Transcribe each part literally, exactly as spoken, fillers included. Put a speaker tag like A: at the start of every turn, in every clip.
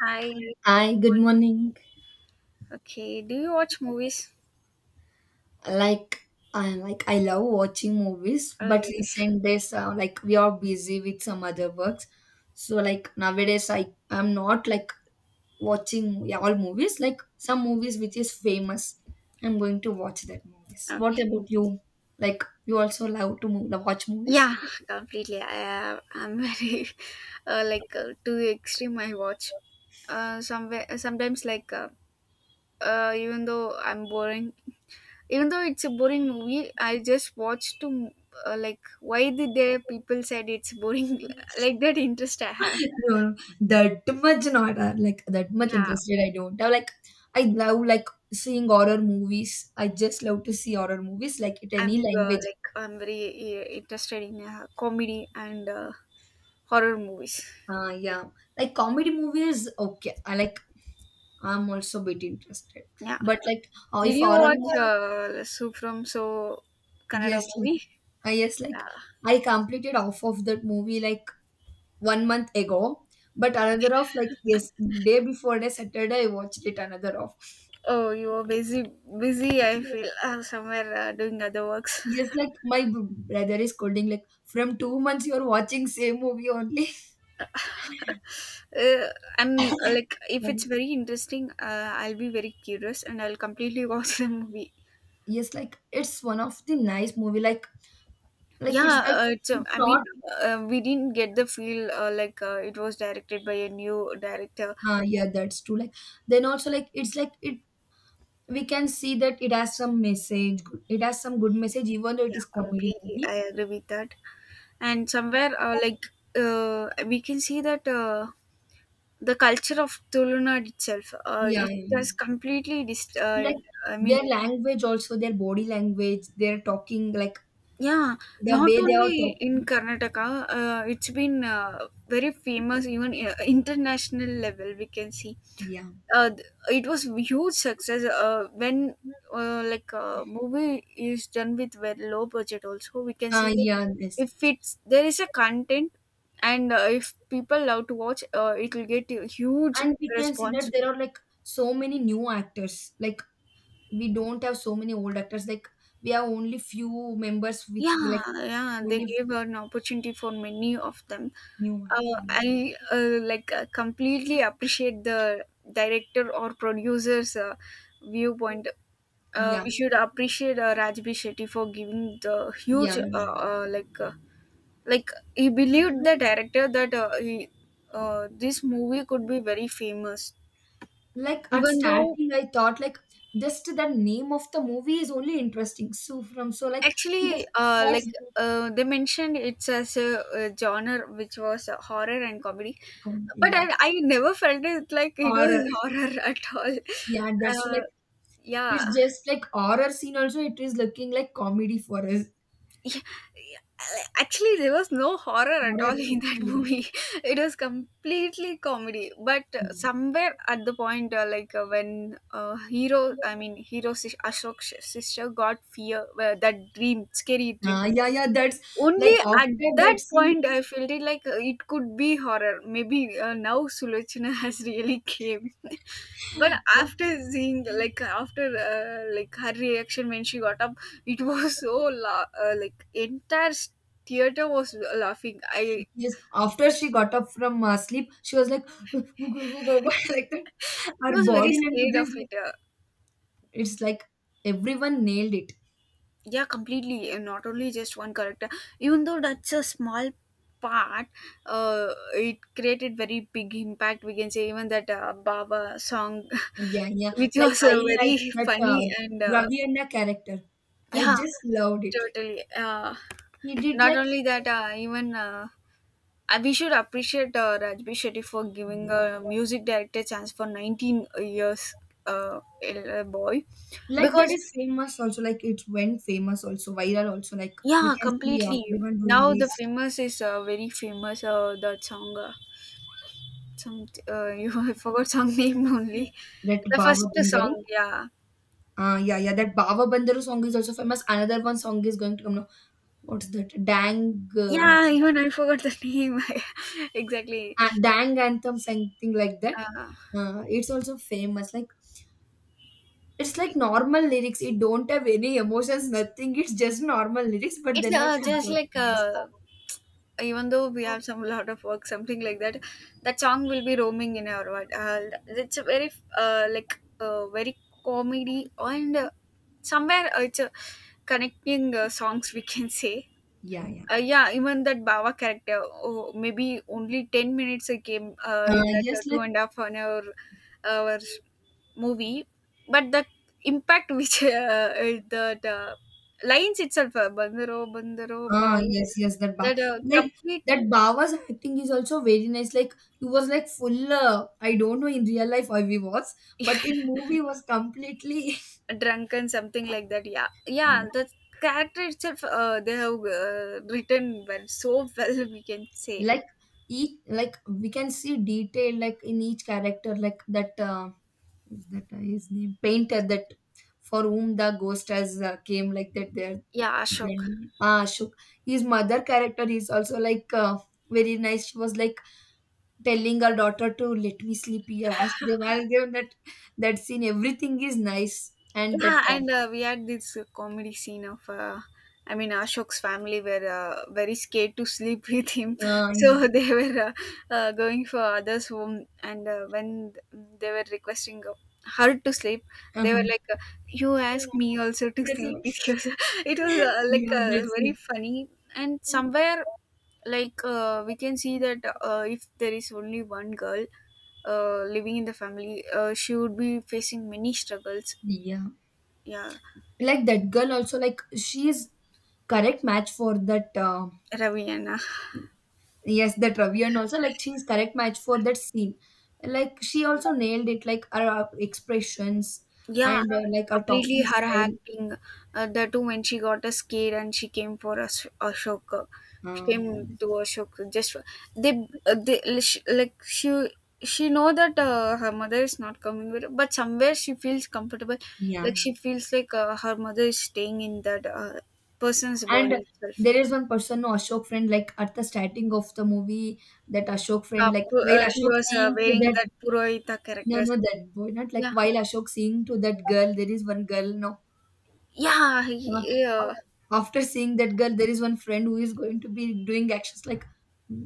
A: Hi.
B: Hi, good morning.
A: Okay. Do you watch movies?
B: Like, I like I love watching movies, but
A: Okay.
B: recent days, uh, like we are busy with some other works. So like nowadays, I I'm not like watching, yeah, all movies. Like some movies which is famous, I'm going to watch that movies. What
A: Okay.
B: about you? Like you also love to move, watch movies?
A: Yeah, completely. I, uh, I'm very uh, like uh, too extreme. I watch. Uh, somewhere sometimes like uh, uh, even though I'm boring, even though it's a boring movie, I just watch to uh, like why did there people said it's boring like that interest I have.
B: No, no, that much not, uh, like that much
A: Yeah,
B: interested. I don't have like I love like seeing horror movies. I just love to see horror movies like it
A: I'm
B: any
A: uh,
B: language.
A: like I'm very uh, interested in uh, comedy and uh, horror movies.
B: Uh, yeah, like comedy movies. Okay, I like. I'm also a bit interested,
A: Yeah.
B: but like uh,
A: Did
B: if
A: you
B: horror
A: watch
B: movie,
A: uh, Soup from So Kannada
B: yes, like
A: movie?
B: I yes,
A: Yeah.
B: like I completed half of that movie like one month ago. But another of, like, yes, day before the Saturday I watched it another of.
A: Oh, you were busy. Busy, I feel. Uh, somewhere uh, doing other works.
B: Yes, like my b- brother is scolding, like from two months you're watching same movie only.
A: uh, I'm uh, like, if it's
B: Sorry.
A: very interesting, uh, I'll be very curious and I'll completely watch the movie.
B: Yes, like it's one of the nice movie. Like like it's
A: Yeah,
B: like
A: uh, it's, uh,
B: it's
A: I
B: not.
A: mean, uh, we didn't get the feel uh, like uh, it was directed by a new director.
B: Uh yeah, that's true. Like then also like it's like it we can see that it has some message. good- It has some good message, even though it is
A: Yeah,
B: comedy
A: completely. I
B: movie.
A: agree with that. And somewhere, uh, like, uh, we can see that. Uh, The culture of Tulunad itself, uh,
B: Yeah,
A: it
B: yeah, yeah.
A: has completely dis- uh,
B: Like
A: I mean,
B: their language also, their body language, their talking, like
A: yeah,
B: the
A: not
B: way they are
A: only in
B: talking.
A: Karnataka, uh, it's been uh, very famous even uh, international level. We can see
B: Yeah.
A: uh, th- it was huge success uh, when uh, like a movie is done with very low budget. Also, we can
B: Uh,
A: see that
B: yeah, yes.
A: if it's there is a content and uh, if people love to watch, uh, it will get a huge
B: And we can see that
A: response.
B: there are like so many new actors. Like we don't have so many old actors. Like we have only few members which
A: Yeah,
B: like
A: yeah, they
B: only
A: gave an opportunity for many of them.
B: new.
A: Uh, I uh, like uh, completely appreciate the director or producer's uh, viewpoint. Uh,
B: Yeah,
A: we should appreciate uh, Rajbi Shetty for giving the huge
B: yeah.
A: uh, uh, like uh, like he believed the director that uh, he, uh, this movie could be very famous.
B: Like at
A: Even though.
B: starting, I thought like just the name of the movie is only interesting. So from so like we
A: Actually,
B: just
A: uh,
B: what's
A: like
B: that
A: uh, they mentioned, it's as a, a genre which was uh, horror and comedy,
B: com-
A: but
B: yeah,
A: I, I never felt it like it
B: horror,
A: was horror at all.
B: yeah, that's so
A: Uh,
B: like
A: yeah.
B: it's just like horror scene also it is looking like comedy for us.
A: Yeah, yeah. Actually, there was no horror at
B: Horror,
A: all in that
B: yeah,
A: movie. It was completely comedy. But uh,
B: yeah.
A: somewhere at the point, uh, like uh, when uh, hero, I mean hero Ashok's sister got fear, uh, that dream, scary dream
B: Uh, yeah, yeah, that's
A: only
B: like
A: at
B: after that
A: that
B: scene.
A: point I felt it like uh, it could be horror maybe uh, now Sulochana has really came. But
B: Like,
A: after seeing like after uh, like her reaction when she got up, it was so la- uh, like entire theater was laughing. I
B: yes,
A: she
B: after she got up from uh, sleep, she was like, "Go, go, go, go, go," like that. Her
A: was very
B: body language
A: scared of
B: is
A: it
B: like,
A: uh,
B: it's like everyone nailed it.
A: Yeah, completely, and not only just one character, even though that's a small part, uh, it created very big impact we can say, even that uh, Baba song
B: Yeah, yeah.
A: which
B: Like,
A: was
B: I
A: uh,
B: like
A: very
B: that uh,
A: funny and uh,
B: Ravi Anna character. I
A: yeah,
B: just loved it. Like,
A: totally, uh,
B: he did
A: not
B: like,
A: only that, uh, even uh, uh, we should appreciate uh, Rajbi Shetty for giving
B: yeah.
A: a music director chance for nineteen years, uh, a boy,
B: Like, that
A: because.
B: is famous also. Like, it went famous also, viral also. Like, we
A: Yeah,
B: can see uh,
A: completely.
B: everyone doing
A: Now
B: this,
A: the famous is uh, very famous. Uh, that song, uh, some uh, you I forgot song name only.
B: that
A: The
B: Baba
A: first
B: Bandaru.
A: song, yeah,
B: Ah, yeah, yeah. That Baba Bandaru song is also famous. Another one song is going to come now. What's that? Dang, uh,
A: yeah. Even I forgot the name. Exactly.
B: a- Dang anthem, something like that.
A: Uh,
B: Uh, it's also famous. Like it's like normal lyrics. It don't have any emotions, nothing. It's just normal lyrics, but
A: it's
B: then
A: uh,
B: also it
A: just
B: got
A: like
B: famous.
A: uh, even though we have some lot of work, something like that. That song will be roaming in our world. Uh, it's a very uh, like uh, very comedy and uh, somewhere uh, it's a connecting uh, songs we can say.
B: Yeah, yeah.
A: Uh, yeah, even that Baba character, oh, maybe only ten minutes I came uh,
B: Uh,
A: in that uh,
B: yes,
A: two
B: like
A: and a half an hour, hour movie, but the impact which uh, uh, the, the lines itself, uh, Bandaro, Bandaro,
B: ah,
A: Baba,
B: yes, yes. That ba
A: that uh,
B: Like
A: complete
B: that Baba's acting is also very nice. Like he was like full. Uh, I don't know in real life how he was, but in movie was completely
A: drunken, something like that. Yeah,
B: yeah.
A: yeah, the character itself, uh, they have uh, written well, so well, we can say.
B: Like each like we can see detail like in each character like that, uh, is that, uh, his name painter that for whom the ghost has uh, came like that there,
A: Yeah, Ashok.
B: then ah Ashok, his mother character is also like, uh, very nice. She was like telling her daughter to let me sleep here. Ask them, I'll give that. That scene everything is nice and that,
A: Yeah,
B: uh,
A: and uh, we had this uh, comedy scene of, uh, I mean, Ashok's family were uh, very scared to sleep with him,
B: uh, yeah.
A: so they were uh, uh, going for others' home, and uh, when they were requesting uh, her to sleep, they were
B: Uh-huh.
A: like, uh, "You ask me also to sleep with
B: That's-
A: you." It was uh, like
B: yeah,
A: uh,
B: that's
A: very
B: it.
A: funny, and somewhere like uh, we can see that uh, if there is only one girl uh, living in the family, uh, she would be facing many struggles.
B: Yeah.
A: Yeah.
B: Like that girl also like she's correct match for that, uh,
A: Ravi and uh,
B: yes, that Ravi and also like she's correct match for that scene. Like she also nailed it like her uh, expressions
A: yeah,
B: and uh, like her
A: completely
B: talking
A: her
B: style.
A: acting. Uh, the two when she got a scared and she came for Ash- Ashoka, she
B: Uh, yeah.
A: came to Ashoka. Just for- they, uh, they sh- like she she know that uh, her mother is not coming with her, but somewhere she feels comfortable.
B: Yeah, yeah.
A: Like she feels like uh, her mother is staying in that uh, person's body
B: And
A: itself.
B: there is one person, no, Ashok friend, like at the starting of the movie, that Ashok friend,
A: Uh,
B: like
A: pu-
B: while
A: uh, he
B: Ashok
A: was uh,
B: seeing to
A: wearing
B: that,
A: that Purohita
B: no,
A: character.
B: no, that boy, not like
A: Yeah,
B: while Ashok seeing to that girl, there is one girl, no,
A: yeah,
B: uh,
A: he,
B: uh,
A: uh,
B: after seeing that girl there is one friend who is going to be doing actions like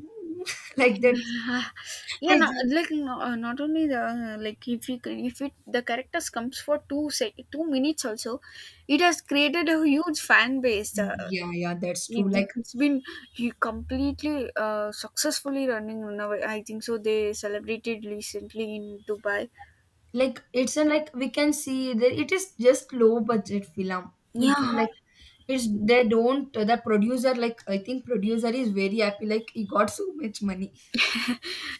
B: like that.
A: yeah,
B: I
A: no,
B: just-
A: like no, uh, not only the uh, like if you c- if it the characters comes for two sec two minutes also, it has created a huge fan base. uh,
B: yeah, yeah, that's true.
A: it,
B: like
A: it's been he completely uh, successfully running now, I think so they celebrated recently in Dubai.
B: like it's a like we can see that it is just low budget film we can
A: Yeah,
B: like it's they don't. The producer, like I think producer is very happy like he got so much money.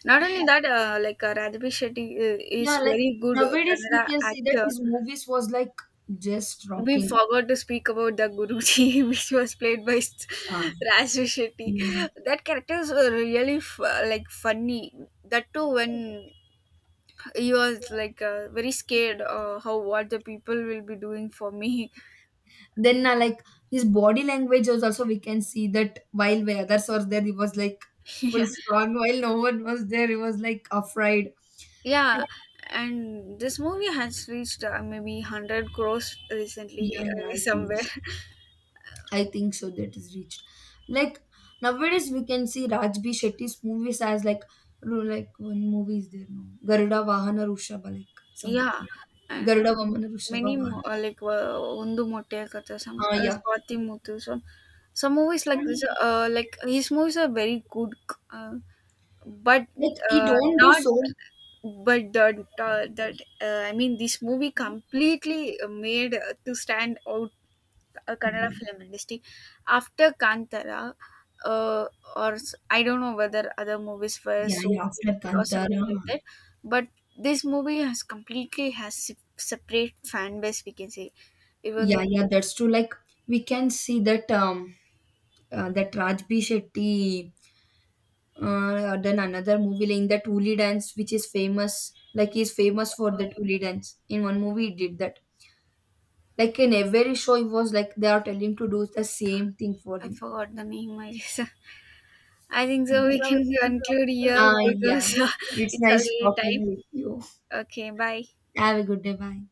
A: not only that uh, like uh, Radhika Shetty uh, is
B: Yeah, like
A: very good uh,
B: nowadays
A: Kannada
B: we can see that
A: actor.
B: his movies was like just
A: We
B: rocking.
A: forgot to speak about the Guruji, which was played by S-
B: uh,
A: Raju Shetty.
B: yeah.
A: That character is uh, really f- like funny. That too, when he was
B: Yeah.
A: like uh, very scared, uh, how what the people will be doing for me.
B: Then, uh, like his body language was also we can see that while the others were there, he was like full
A: Yeah,
B: strong. While no one was there, he was like afraid. Like,
A: yeah. And this movie has reached uh, maybe hundred crores
B: yeah,
A: recently
B: yeah,
A: uh,
B: I think
A: somewhere.
B: I think so that is reached. Like nowadays we can see Raj B. Shetty's movies as like ru- like one movie is there, no, Garuda Vahana Rushaba like something.
A: Yeah, and
B: Garuda Vahana Rushaba
A: many
B: Vahana.
A: mo- uh, like uh, ಒಂದು ಮೊಟ್ಟೆಯ ಕಥೆ, some
B: Ah,
A: uh,
B: yeah.
A: Swati Muthu, some some movies
B: So,
A: like this, uh, like his movies are very good. uh, but
B: like he
A: uh,
B: don't do
A: not
B: so
A: but the, the, that uh, I mean, this movie completely made uh, to stand out a Kannada film industry. After Kantara, uh, or s- I don't know whether other movies were
B: yeah,
A: so
B: yeah,
A: hit
B: after
A: or
B: Kantara.
A: something like that, but this movie has completely has se- separate fan base, we can say, even.
B: Yeah, yeah, that's true. Like we can see that um uh, that Raj B Shetty uh, done another movie like that Uli dance, which is famous. Like he's famous for that
A: uh,
B: Uli dance. In one movie, he did that. Like in every show, he was like they are telling him to do the same thing for
A: I
B: him.
A: forgot the name. I just, I think so. We can conclude here
B: Ah, yeah.
A: because
B: It's
A: it's
B: nice
A: already time.
B: talking with you.
A: Okay, bye.
B: Have a good day. Bye.